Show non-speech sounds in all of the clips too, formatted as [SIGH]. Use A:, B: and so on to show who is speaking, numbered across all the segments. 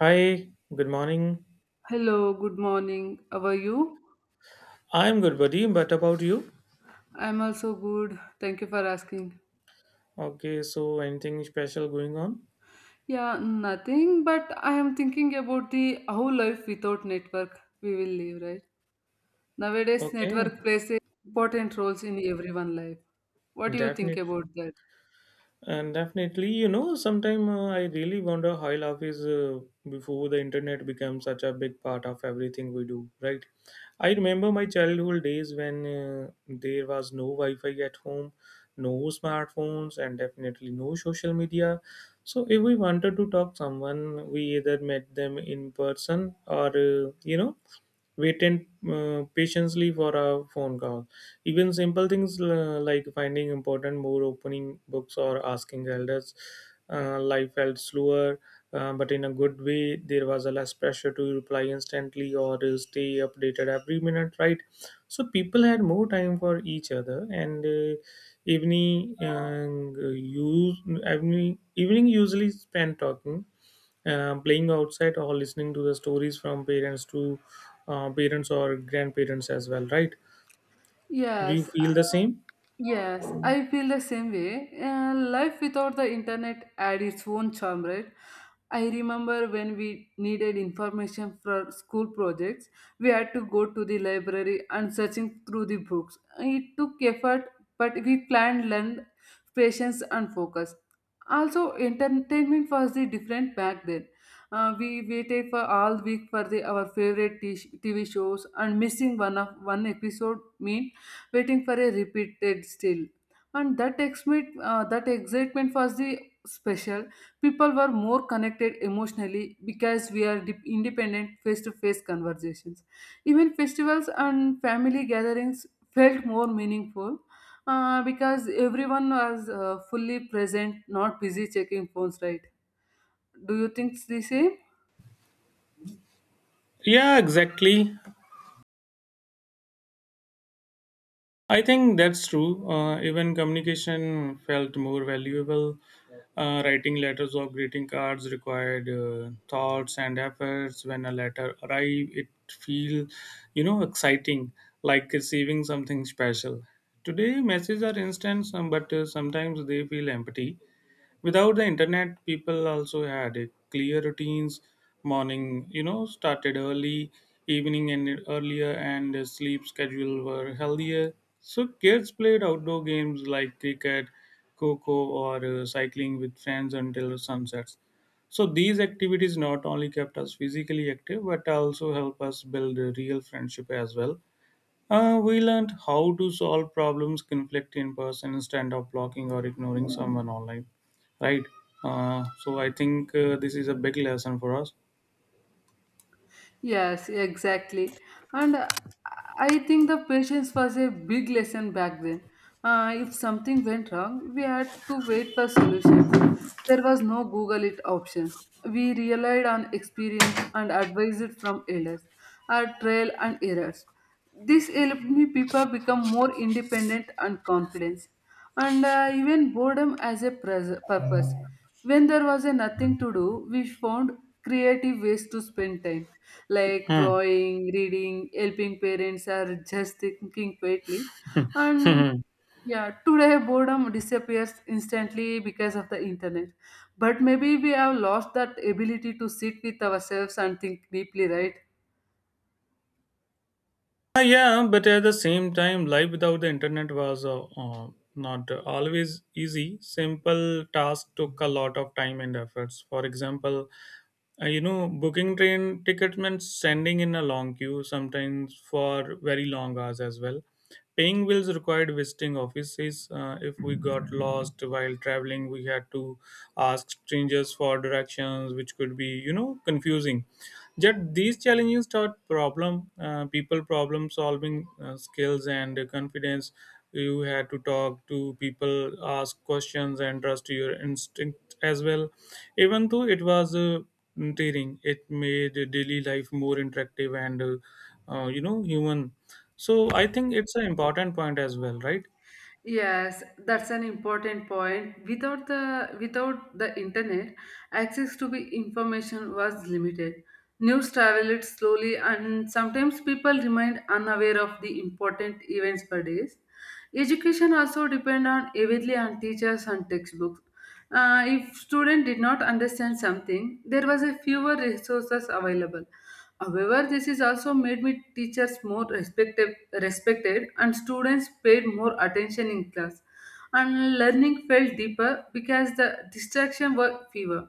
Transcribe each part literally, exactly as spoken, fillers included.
A: Hi, good morning.
B: Hello, good morning. How are you?
A: I'm good, buddy. But about you?
B: I'm also good. Thank you for asking.
A: Okay, so anything special going on?
B: Yeah, nothing, but I am thinking about the how life without network we will live, right? Nowadays,
A: Okay,
B: network plays a important roles in everyone life. What do you think
A: definitely.
B: about that?
A: And definitely, you know, sometime uh, I really wonder how life is uh, before the internet became such a big part of everything we do, right? I remember my childhood days when uh, there was no Wi-Fi at home, no smartphones, and definitely no social media. So if we wanted to talk someone, we either met them in person or uh, you know waited uh, patiently for a phone call. Even simple things uh, like finding important more opening books or asking elders, uh, life felt slower, uh, but in a good way. There was a less pressure to reply instantly or to stay updated every minute, right? So people had more time for each other, and uh, evening uh, use evening evening usually spent talking uh, playing outside or listening to the stories from parents to uh, parents or grandparents as well, right? Do you
B: Yes,
A: feel the same?
B: yes, I feel the same way. Uh, life without the internet had its own charm, right? I remember when we needed information for school projects, we had to go to the library and searching through the books. It took effort, but we planned, learned patience, and focus. Also, entertainment was the different back then. Uh, we waited for all week for the our favorite t- TV shows, and missing one of one episode mean waiting for a repeated still. And that excitement uh, that excitement was the special. People were more connected emotionally because we are dip- independent face to face conversations. Even festivals and family gatherings felt more meaningful, uh, because everyone was uh, fully present, not busy checking phones, right? Do you think the same?
A: Yeah, exactly. I think that's true. Uh, even communication felt more valuable. Uh, writing letters or greeting cards required uh, thoughts and efforts. When a letter arrived, it feel, you know, exciting, like receiving something special. Today messages are instant some, but uh, sometimes they feel empty. Without the internet people also had a clear routines. Morning, you know, started early, evening ended earlier, and the sleep schedule were healthier. So kids played outdoor games like cricket, coco, or uh, cycling with friends until sunsets. So these activities not only kept us physically active but also help us build a real friendship as well. Uh, we learned how to solve problems conflict in person instead of blocking or ignoring someone online, right? Uh, so I think uh, this is a big lesson for us.
B: Yes, exactly. And uh, I think the patience was a big lesson back then. Uh, if something went wrong, we had to wait for solutions. There was no Google it options. We relied on experience and advice it from elders, our trial and errors. This helped me people become more independent and confident. And uh, even boredom as a pres- purpose. When there was a nothing to do, we found creative ways to spend time, like
A: Hmm.
B: drawing, reading, helping parents, or just thinking quietly. And
A: [LAUGHS]
B: yeah, today boredom disappears instantly because of the internet, but maybe we have lost that ability to sit with ourselves and think deeply, right?
A: Uh, yeah, but at the same time, life without the internet was uh, uh, not always easy. Simple tasks took a lot of time and efforts. For example, Uh, you know, booking train tickets meant standing in a long queue, sometimes for very long hours as well. Paying bills required visiting offices. Uh, if we got lost while traveling, we had to ask strangers for directions, which could be, you know, confusing. Yet these challenges taught problem uh, people problem solving uh, skills and confidence. You had to talk to people, ask questions, and trust your instinct as well. Even though it was uh, tiring, it made daily life more interactive and uh, uh, you know human. So I think it's an important point as well, right?
B: Yes, that's an important point. Without the without the internet, access to the information was limited. News traveled slowly, and sometimes people remained unaware of the important events per days. Education also depend on heavily on teachers and textbooks. Uh, if student did not understand something, there was a fewer resources available. However, this is also made me teachers more respected, respected, and students paid more attention in class. And learning felt deeper because the distraction were fewer.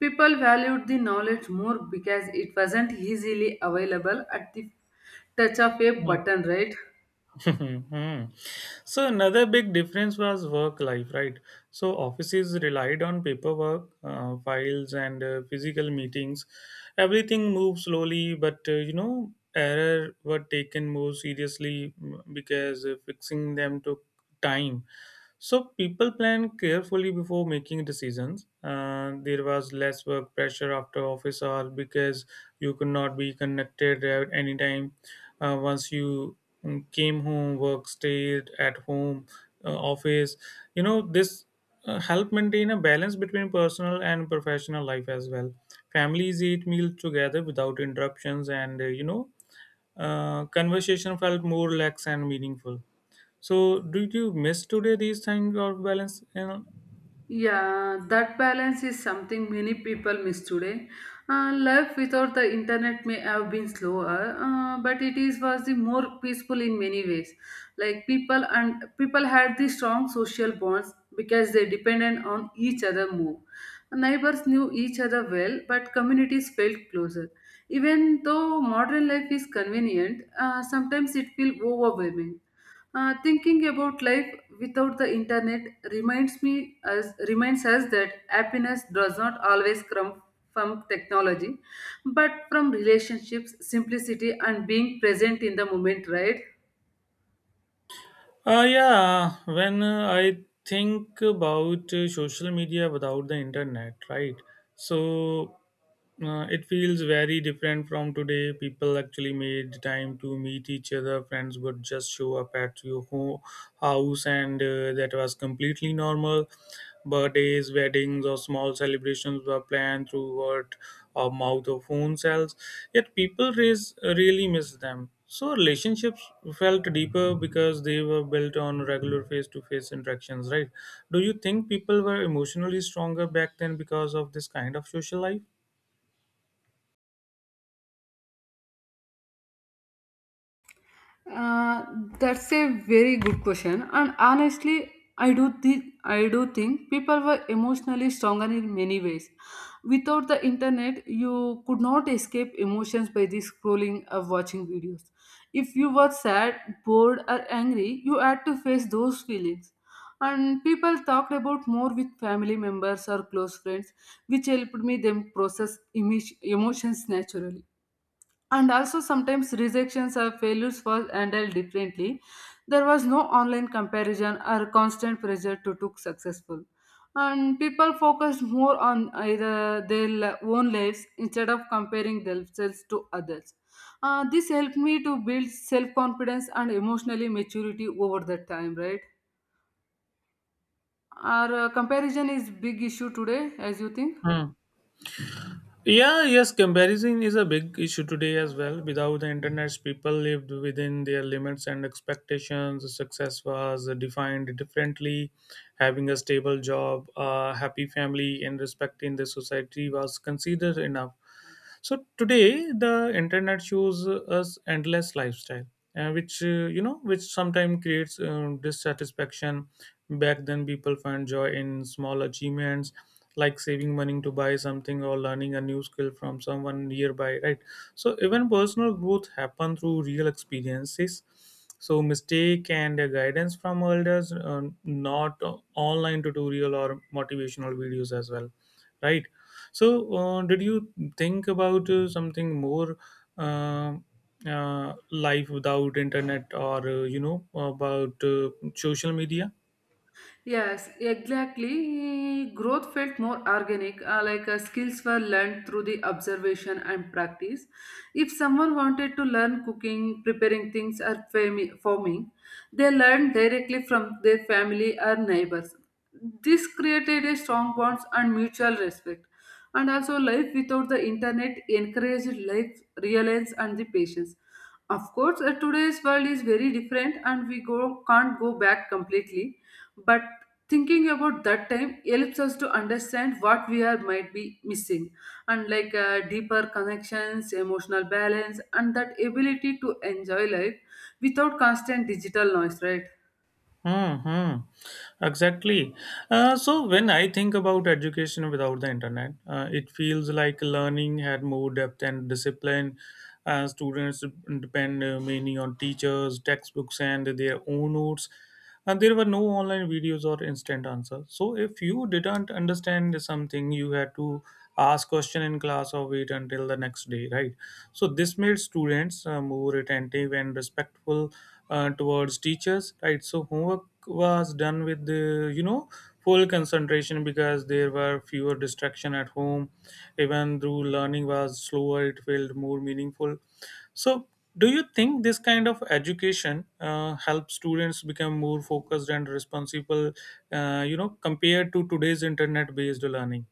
B: People valued the knowledge more because it wasn't easily available at the touch of a button, right?
A: [LAUGHS] So another big difference was work life, right? So offices relied on paperwork, uh, files, and uh, physical meetings. Everything moved slowly, but uh, you know, error were taken more seriously, mm, because uh, fixing them took time. So people plan carefully before making decisions. Uh, there was less work pressure after office hour because you could not be connected at any time. Uh, once you mm, came home, work stayed at home, uh, office. You know this uh, help maintain a balance between personal and professional life as well. Families eat meals together without interruptions, and uh, you know uh, conversation felt more relaxed and meaningful. So, did you miss today these things of balance? You know?
B: Yeah, that balance is something many people miss today. Uh, life without the internet may have been slower, uh, but it is was the more peaceful in many ways. Like people and people had the strong social bonds because they depended on each other more. Neighbors knew each other well, but communities felt closer. Even though modern life is convenient, uh, sometimes it feels overwhelming. Uh, thinking about life without the internet reminds me as reminds us that happiness does not always come from technology, but from relationships, simplicity, and being present in the moment. Right?
A: Uh, yeah, when uh, I think about uh, social media without the internet, right? So, Uh, it feels very different from today. People actually made time to meet each other. Friends would just show up at your ho- house, and uh, that was completely normal. Birthdays, weddings, or small celebrations were planned through word of mouth or phone cells. Yet people res- really miss them. So relationships felt deeper because they were built on regular face-to-face interactions, right? Do you think people were emotionally stronger back then because of this kind of social life?
B: Uh, that's a very good question, and honestly, I do think I do think people were emotionally stronger in many ways. Without the internet, you could not escape emotions by the scrolling or watching videos. If you were sad, bored, or angry, you had to face those feelings. And people talked about more with family members or close friends, which helped me them process emo- emotions naturally. And also sometimes rejections or failures was handled differently. There was no online comparison or constant pressure to look successful, and people focused more on either their li- own lives instead of comparing themselves to others. Uh, this helped me to build self-confidence and emotionally maturity over that time, right? Our uh, comparison is big issue today, as you think?
A: Hmm. Yeah, yes, comparison is a big issue today as well. Without the internet, people lived within their limits and expectations. Success was defined differently. Having a stable job, a happy family, and respect in the society was considered enough. So today the internet shows us endless lifestyle, uh, which uh, you know which sometimes creates um, dissatisfaction. Back then people find joy in small achievements, like saving money to buy something or learning a new skill from someone nearby, right? So even personal growth happen through real experiences. So mistake and uh, guidance from elders, uh, not uh, online tutorial or motivational videos as well, right? So, uh, did you think about uh, something more, uh, uh, life without internet, or uh, you know about uh, social media?
B: Yes, exactly. Growth felt more organic, uh, like uh, skills were learned through the observation and practice. If someone wanted to learn cooking, preparing things, or fami- farming, they learned directly from their family or neighbors. This created a strong bonds and mutual respect. And also, life without the internet encouraged life, reliance, and the patience. Of course, uh, today's world is very different and we go, can't go back completely. But thinking about that time helps us to understand what we are might be missing, and like uh, deeper connections, emotional balance, and that ability to enjoy life without constant digital noise, right?
A: Hmm, hmm. Exactly. Uh, so when I think about education without the internet, uh, it feels like learning had more depth and discipline. Uh, students depend uh, mainly on teachers, textbooks, and their own notes. And there were no online videos or instant answers. So if you didn't understand something, you had to ask question in class or wait until the next day, right? So this made students uh, more attentive and respectful uh, towards teachers, right? So homework was done with the, you know, full concentration because there were fewer distraction at home. Even though learning was slower, it felt more meaningful. So do you think this kind of education uh, helps students become more focused and responsible? Uh, you know, compared to today's internet-based learning,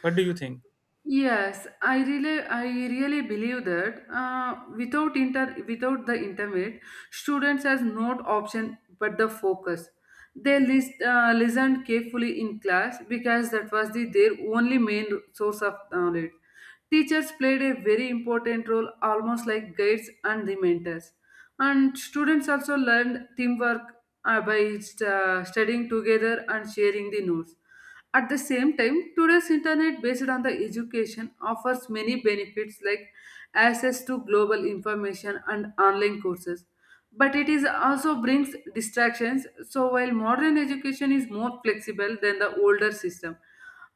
A: what do you think?
B: Yes, I really, I really believe that uh, without inter, without the internet, students has no option but the focus. They list, uh, listened carefully in class because that was the, their only main source of knowledge. Teachers played a very important role, almost like guides and the mentors. And students also learned teamwork uh, by uh, studying together and sharing the notes at the same time. Today's internet based on the education offers many benefits like access to global information and online courses. But it is also brings distractions. So while modern education is more flexible than the older system,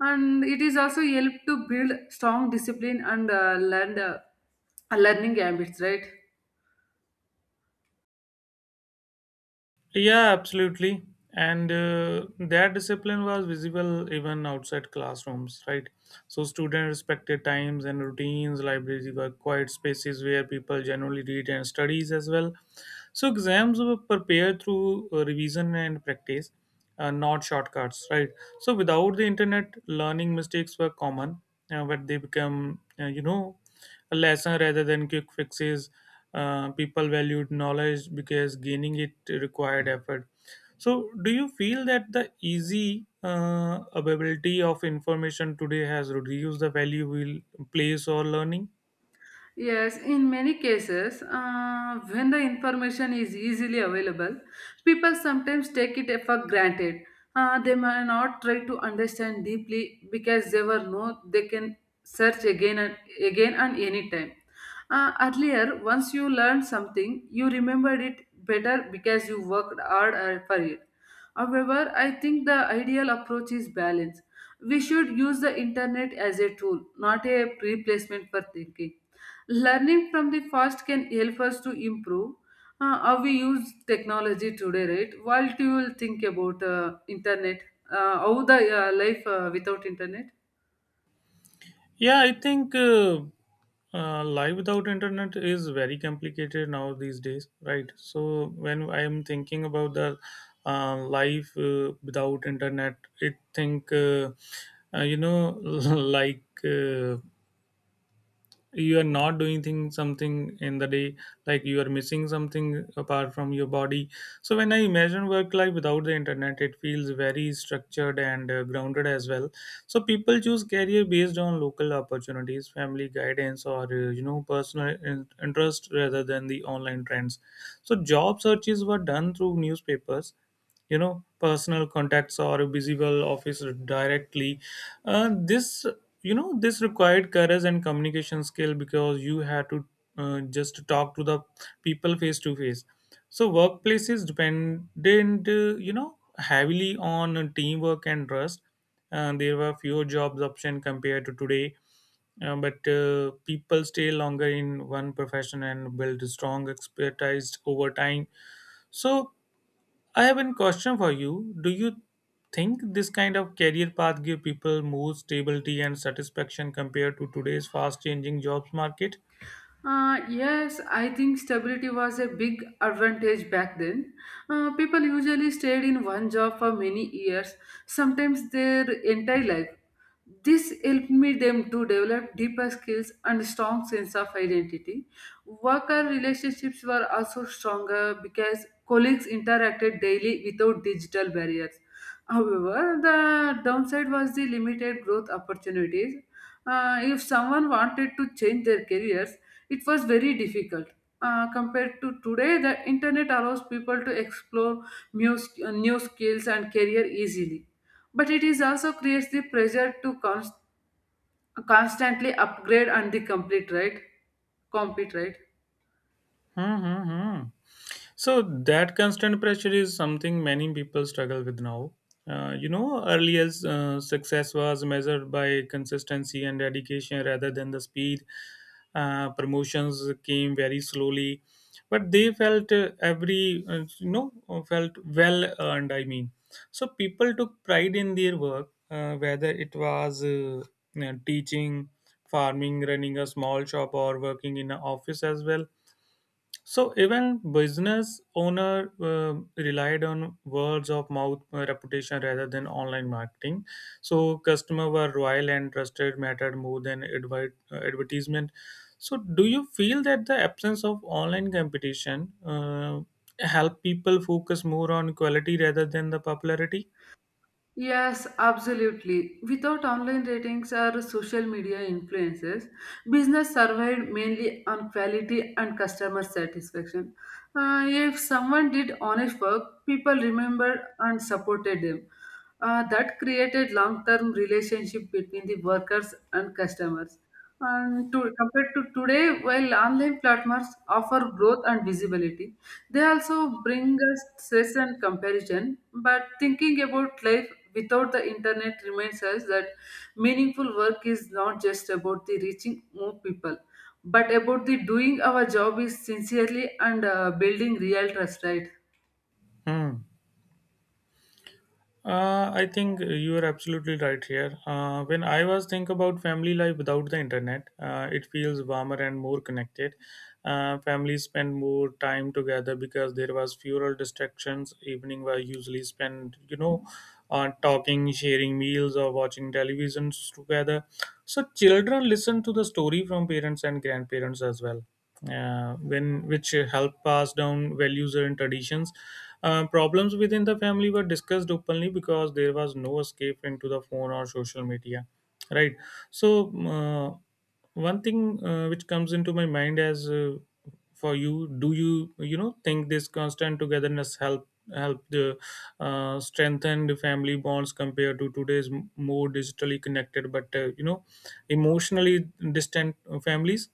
B: and it is also help to build strong discipline and uh, learn, uh, learning habits, right?
A: Yeah, absolutely. And uh, their discipline was visible even outside classrooms, right? So students respected times and routines. Libraries were quiet spaces where people generally read and studies as well. So exams were prepared through uh, revision and practice, uh, not shortcuts, right? So without the internet, learning mistakes were common, uh, but they become, uh, you know, a lesson rather than quick fixes. Uh, people valued knowledge because gaining it required effort. So, do you feel that the easy uh, availability of information today has reduced the value we place or learning?
B: Yes, in many cases, uh, when the information is easily available, people sometimes take it for granted. Uh, they may not try to understand deeply because they were know they can search again and again and anytime. Uh, earlier, once you learned something, you remembered it better because you worked hard uh, for it. However, I think the ideal approach is balance. We should use the internet as a tool, not a replacement for thinking. Learning from the past can help us to improve uh, how we use technology today, right? What do you think about uh, internet? Uh, how the uh, life uh, without internet?
A: Yeah, I think uh, uh, life without internet is very complicated now these days, right? So when I am thinking about the uh, life uh, without internet, I think uh, uh, you know [LAUGHS] like. Uh, you are not doing thing something in the day, like you are missing something apart from your body. So when I imagine work life without the internet, it feels very structured and uh, grounded as well. So people choose career based on local opportunities, family guidance, or uh, you know personal in- interest rather than the online trends. So job searches were done through newspapers, you know, personal contacts, or visible office directly. Uh, this, you know, this required courage and communication skill because you had to uh, just talk to the people face to face. So workplaces dependent, uh, you know, heavily on teamwork and trust. Uh, there were fewer jobs option compared to today. Uh, but uh, people stay longer in one profession and build strong expertise over time. So I have a question for you. Do you think this kind of career path give people more stability and satisfaction compared to today's fast changing jobs market?
B: Uh, yes, I think stability was a big advantage back then. Uh, people usually stayed in one job for many years, sometimes their entire life. This helped me them to develop deeper skills and strong sense of identity. Worker relationships were also stronger because colleagues interacted daily without digital barriers. However, the downside was the limited growth opportunities. Uh, if someone wanted to change their careers, it was very difficult. Uh, compared to today, the internet allows people to explore new, sk- uh, new skills and career easily. But it is also creates the pressure to const- constantly upgrade and the complete right, compete right.
A: Mm-hmm. So that constant pressure is something many people struggle with now. Uh, you know, earlier uh, success was measured by consistency and dedication rather than the speed. Uh, promotions came very slowly, but they felt uh, every uh, you know felt well earned. I mean, so people took pride in their work, uh, whether it was uh, you know, teaching, farming, running a small shop, or working in an office as well. So even business owner uh, relied on words of mouth uh, reputation rather than online marketing. So customer were loyal and trusted mattered more than advert, uh, advertisement. So do you feel that the absence of online competition uh, help people focus more on quality rather than the popularity?
B: Yes, absolutely. Without online ratings or social media influences, business survived mainly on quality and customer satisfaction. Uh, if someone did honest work, people remembered and supported them. Uh, that created long-term relationship between the workers and customers. And to, compared to today, while online platforms offer growth and visibility, they also bring us stress and comparison. But thinking about life without the internet reminds us that meaningful work is not just about the reaching more people, but about the doing our job is sincerely and uh, building real trust, right?
A: Hmm. Uh, I think you are absolutely right here. Uh, when I was think about family life without the internet, uh, it feels warmer and more connected. Uh, families spend more time together because there was fewer distractions. Evening were usually spent, you know, uh, talking, sharing meals, or watching televisions together. So children listen to the story from parents and grandparents as well. Uh, when which help pass down values and traditions. Uh, problems within the family were discussed openly because there was no escape into the phone or social media, right? So uh, one thing uh, which comes into my mind as uh, for you, do you, you know, think this constant togetherness help help the uh, strengthen the family bonds compared to today's m- more digitally connected but uh, you know emotionally distant families?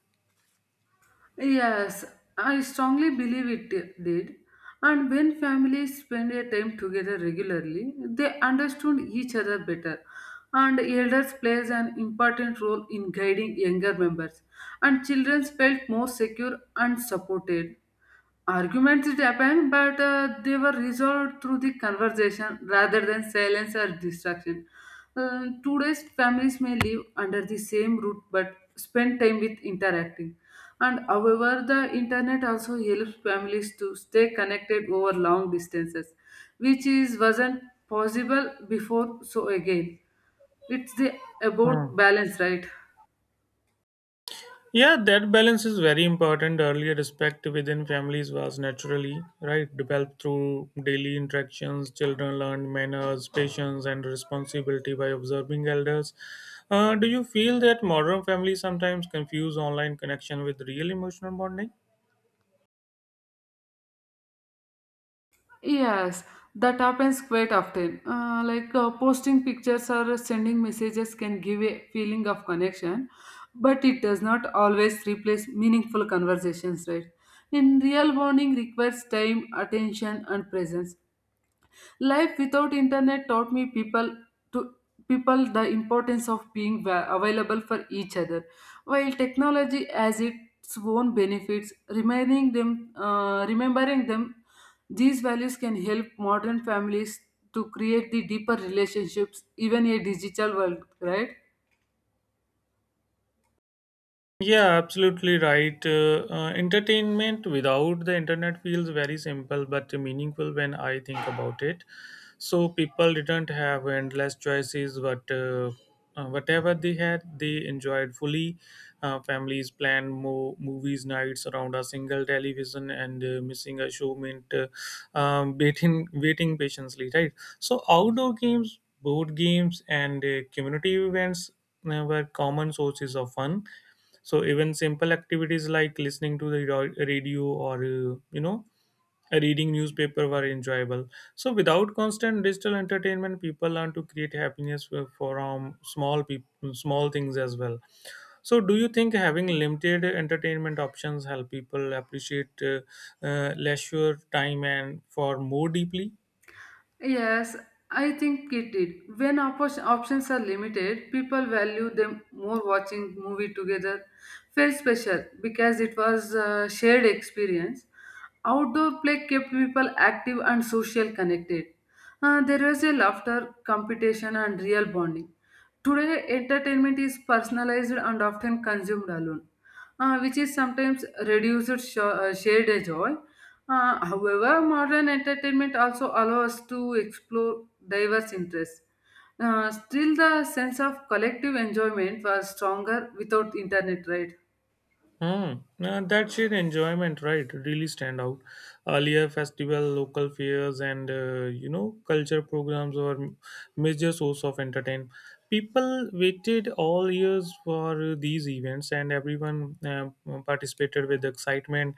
B: Yes, I strongly believe it did. And when families spend their time together regularly, they understood each other better. And elders plays an important role in guiding younger members. And children felt more secure and supported. Arguments it happened, but uh, they were resolved through the conversation rather than silence or distraction. Uh, today's families may live under the same roof but spend time with interacting. And however, the internet also helps families to stay connected over long distances, which is wasn't possible before. So again, it's the about balance, right?
A: Yeah, that balance is very important. Earlier, respect within families was naturally right developed through daily interactions. Children learned manners, patience, and responsibility by observing elders. Uh, do you feel that modern families sometimes confuse online connection with real emotional bonding?
B: Yes, that happens quite often. Uh, like uh, posting pictures or sending messages can give a feeling of connection, but it does not always replace meaningful conversations, right? In real bonding requires time, attention, and presence. Life without internet taught me people to people the importance of being va- available for each other. While technology has its own benefits, remaining them, uh, remembering them, these values can help modern families to create the deeper relationships, even in a digital world, right?
A: Yeah, absolutely right. Uh, uh, entertainment without the internet feels very simple but meaningful when I think about it. So people didn't have endless choices, but uh, uh, whatever they had, they enjoyed fully. Uh, families planned mo- movies nights around a single television, and uh, missing a show meant uh, um, waiting, waiting patiently. Right. So outdoor games, board games, and uh, community events uh, were common sources of fun. So even simple activities like listening to the ro- radio or uh, you know reading newspaper were enjoyable. So without constant digital entertainment, people learn to create happiness f- from small people small things as well. So do you think having limited entertainment options help people appreciate uh, uh, leisure time and for more deeply?
B: Yes, I think it did. When oppos- options are limited, people value them more watching movie together. Felt special because it was a shared experience. Outdoor play kept people active and social connected. Uh, there was a laughter, competition, and real bonding. Today, entertainment is personalized and often consumed alone, uh, which is sometimes reduced sh- uh, shared joy. Uh, however, modern entertainment also allows us to explore diverse interests. Uh, still, the sense of collective enjoyment was stronger without internet, right?
A: Hmm. uh, that shared enjoyment, right, really stand out. Earlier, festival, local fairs, and uh, you know, culture programs were m- major source of entertainment. People waited all years for these events, and everyone uh, participated with excitement.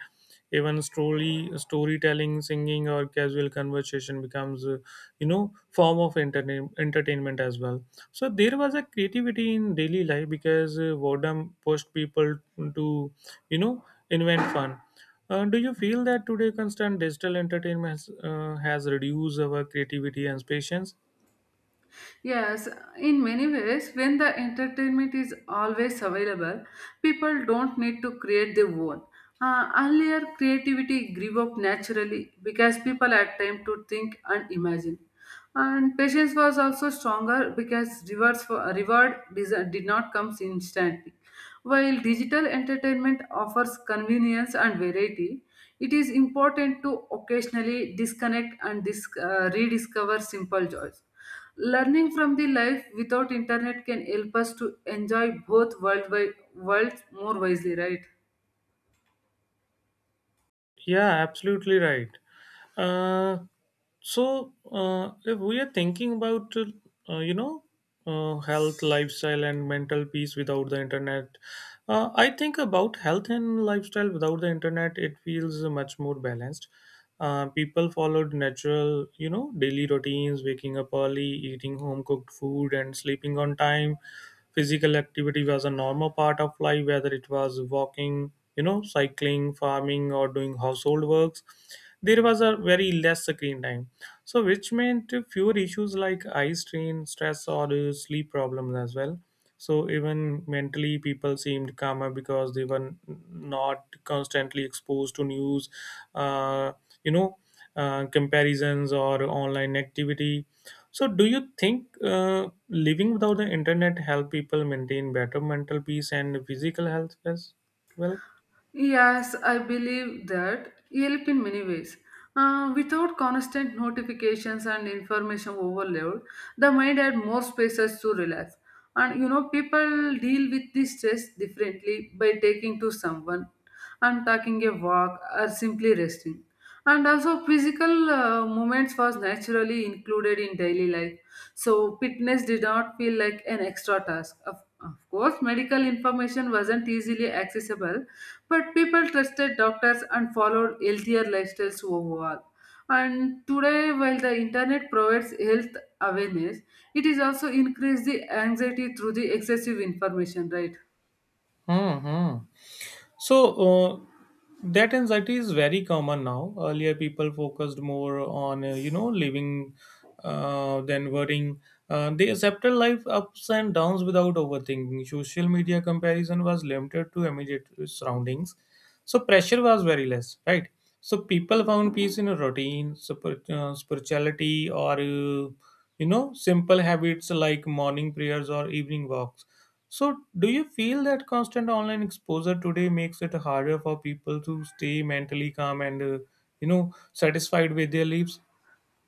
A: Even story, storytelling, singing, or casual conversation becomes, uh, you know, form of entertain- entertainment as well. So there was a creativity in daily life because uh, boredom pushed people to, you know, invent fun. Uh, do you feel that today constant digital entertainment has, uh, has reduced our creativity and patience?
B: Yes, in many ways, when the entertainment is always available, people don't need to create their own. Uh, earlier, creativity grew up naturally because people had time to think and imagine. And patience was also stronger because rewards for, reward des- did not come instantly. While digital entertainment offers convenience and variety, it is important to occasionally disconnect and dis- uh, rediscover simple joys. Learning from the life without internet can help us to enjoy both world worlds more wisely, right?
A: Yeah, absolutely right. Uh, so uh, if we are thinking about uh, you know uh, health lifestyle and mental peace without the internet, uh, I think about health and lifestyle without the internet, it feels much more balanced. Uh, people followed natural, you know daily routines, waking up early, eating home cooked food and sleeping on time. Physical activity was a normal part of life, whether it was walking, you know cycling, farming, or doing household works. There was a very less screen time, so which meant fewer issues like eye strain, stress or uh, sleep problems as well. So even mentally, people seemed calmer because they were n- not constantly exposed to news, uh, you know, uh, comparisons or online activity. So, do you think uh, living without the internet help people maintain better mental peace and physical health as well?
B: Yes, I believe that help in many ways. Uh, without constant notifications and information overload, the mind had more spaces to relax. And you know, people deal with this stress differently by taking to someone and taking a walk or simply resting. And also, physical uh, movements was naturally included in daily life. So, fitness did not feel like an extra task. Of, of course, medical information wasn't easily accessible, but people trusted doctors and followed healthier lifestyles overall. And today, while the internet provides health awareness, it is also increased the anxiety through the excessive information, right?
A: Hmm. Hmm. So uh, that anxiety is very common now. Earlier, people focused more on uh, you know living uh, than worrying. Uh, they accepted life ups and downs without overthinking. Social media comparison was limited to immediate surroundings, so pressure was very less, right? So people found peace in a routine, super, uh, spirituality, or uh, you know simple habits like morning prayers or evening walks. So, do you feel that constant online exposure today makes it harder for people to stay mentally calm and, uh, you know, satisfied with their lives?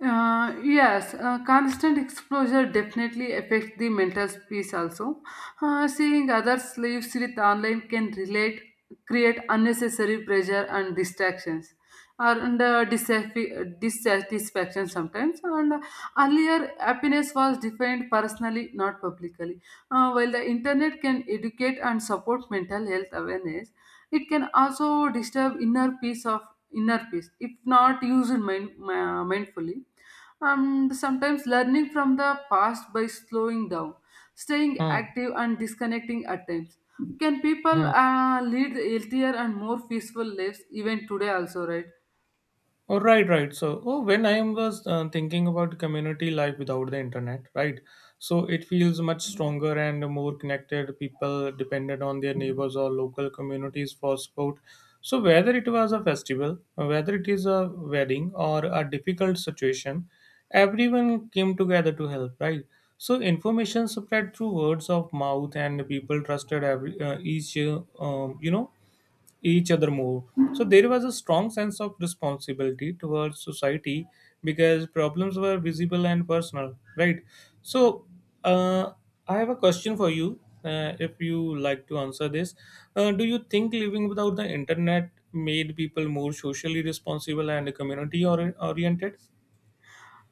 B: Uh, yes, uh, constant exposure definitely affects the mental peace also. Uh, seeing others lives with online can relate, create unnecessary pressure and distractions or and, uh, dissatisfi- dissatisfaction sometimes. And uh, earlier, happiness was defined personally, not publicly. Uh, while the internet can educate and support mental health awareness, it can also disturb inner peace of inner peace if not used mind, ma- mindfully. And sometimes learning from the past by slowing down, staying
A: Hmm.
B: active and disconnecting at times can people
A: Hmm.
B: uh, lead healthier and more peaceful lives even today also, right?
A: Oh, right, right. So, oh, when I was uh, thinking about community life without the internet, right? So it feels much stronger and more connected. People depended on their neighbors or local communities for support. So whether it was a festival, whether it is a wedding or a difficult situation, everyone came together to help, right? So information spread through words of mouth, and people trusted every uh, each uh, um, you know each other more. So there was a strong sense of responsibility towards society because problems were visible and personal, right? So uh, I have a question for you. Uh, if you like to answer this, uh, do you think living without the internet made people more socially responsible and community or- oriented?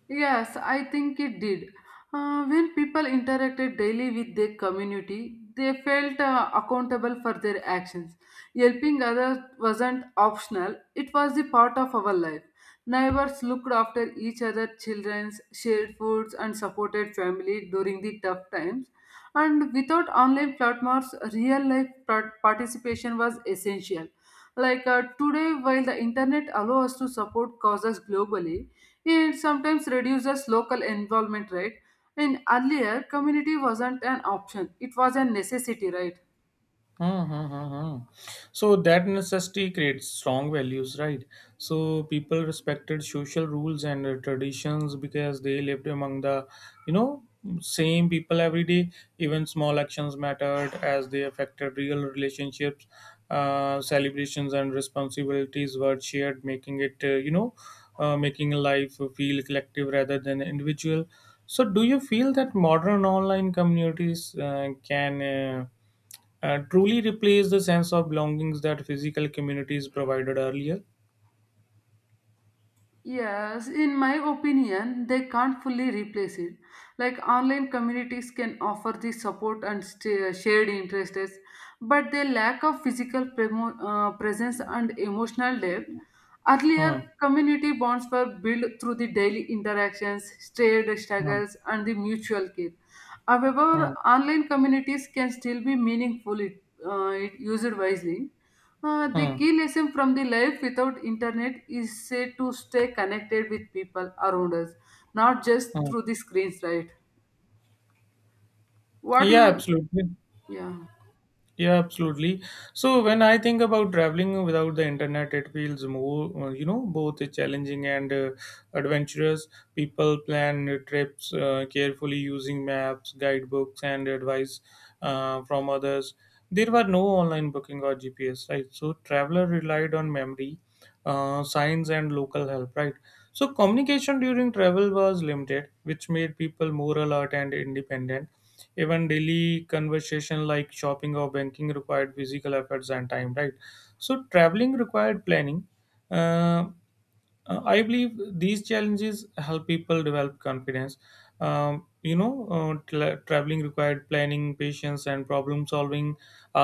B: Yes, I think it did. Uh, when people interacted daily with their community, they felt uh, accountable for their actions. Helping others wasn't optional, it was the part of our life. Neighbors looked after each other's children, shared foods, and supported family during the tough times. And without online platforms, real life part- participation was essential. Like uh, today, while the internet allows us to support causes globally, it sometimes reduces local involvement, right? And earlier, community wasn't an option, it was a necessity, right?
A: Hmm, hmm, hmm, hmm. So that necessity creates strong values, right? So people respected social rules and uh, traditions because they lived among the, you know, same people every day. Even small actions mattered as they affected real relationships. Uh, celebrations and responsibilities were shared, making it, uh, you know, uh, making life feel collective rather than individual. So, do you feel that modern online communities uh, can uh, uh, truly replace the sense of belongings that physical communities provided earlier?
B: Yes, in my opinion, they can't fully replace it. Like online communities can offer the support and st- shared interests, but they lack of physical premo- uh, presence and emotional depth. Earlier,
A: Hmm.
B: community bonds were built through the daily interactions, shared
A: Hmm.
B: struggles, and the mutual care. However,
A: Hmm.
B: online communities can still be meaningful if uh, it used wisely. Uh, the
A: Hmm.
B: key lesson from the life without internet is say to stay connected with people around us, not just
A: Hmm.
B: through the screens, right? What
A: Yeah,
B: you,
A: absolutely.
B: yeah.
A: Yeah, absolutely. So when I think about traveling without the internet, it feels more, uh, you know, both challenging and uh, adventurous. People plan trips uh, carefully using maps, guidebooks, and advice uh, from others. There were no online booking or G P S, right? So traveler relied on memory, uh, signs, and local help, right? So communication during travel was limited, which made people more alert and independent. Even daily conversation like shopping or banking required physical efforts and time, right? So traveling required planning. uh, uh, I believe these challenges help people develop confidence. Um, you know uh, tra- traveling required planning, patience and problem solving.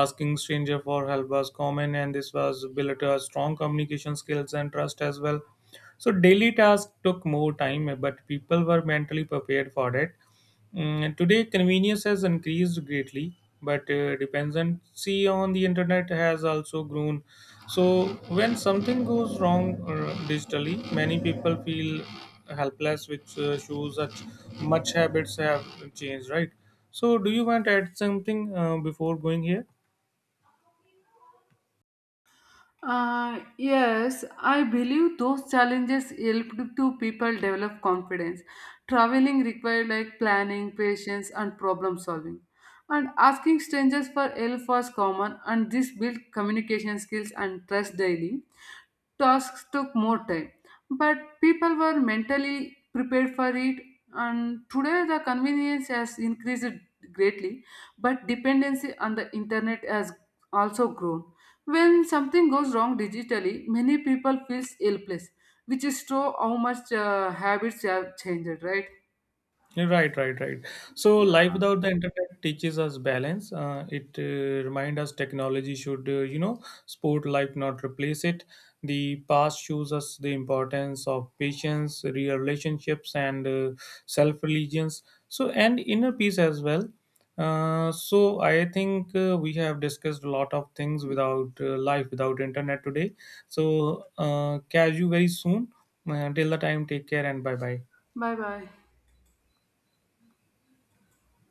A: Asking stranger for help was common, and this was built a strong communication skills and trust as well. So daily tasks took more time, but people were mentally prepared for it. Mm, today, convenience has increased greatly, but uh, dependency on the internet has also grown. So, when something goes wrong uh, digitally, many people feel helpless, which uh, shows that much habits have changed, right? So, do you want to add something uh, before going here?
B: Uh, yes, I believe those challenges helped to people develop confidence. Traveling required like planning, patience, and problem solving. And asking strangers for help was common, and this built communication skills and trust daily. Tasks took more time, but people were mentally prepared for it. And today, the convenience has increased greatly, but dependency on the internet has also grown. When something goes wrong digitally, many people feel helpless, which is true how much uh, habits have changed, right?
A: Right, right, right. So,
B: Yeah.
A: life without the internet teaches us balance. Uh, it uh, reminds us technology should, uh, you know, support life, not replace it. The past shows us the importance of patience, real relationships, and uh, self religions. So, and inner peace as well. Uh, so, I think uh, we have discussed a lot of things without uh, life without internet today. So, uh, catch you very soon. Uh, till the time, take care and bye bye.
B: Bye bye.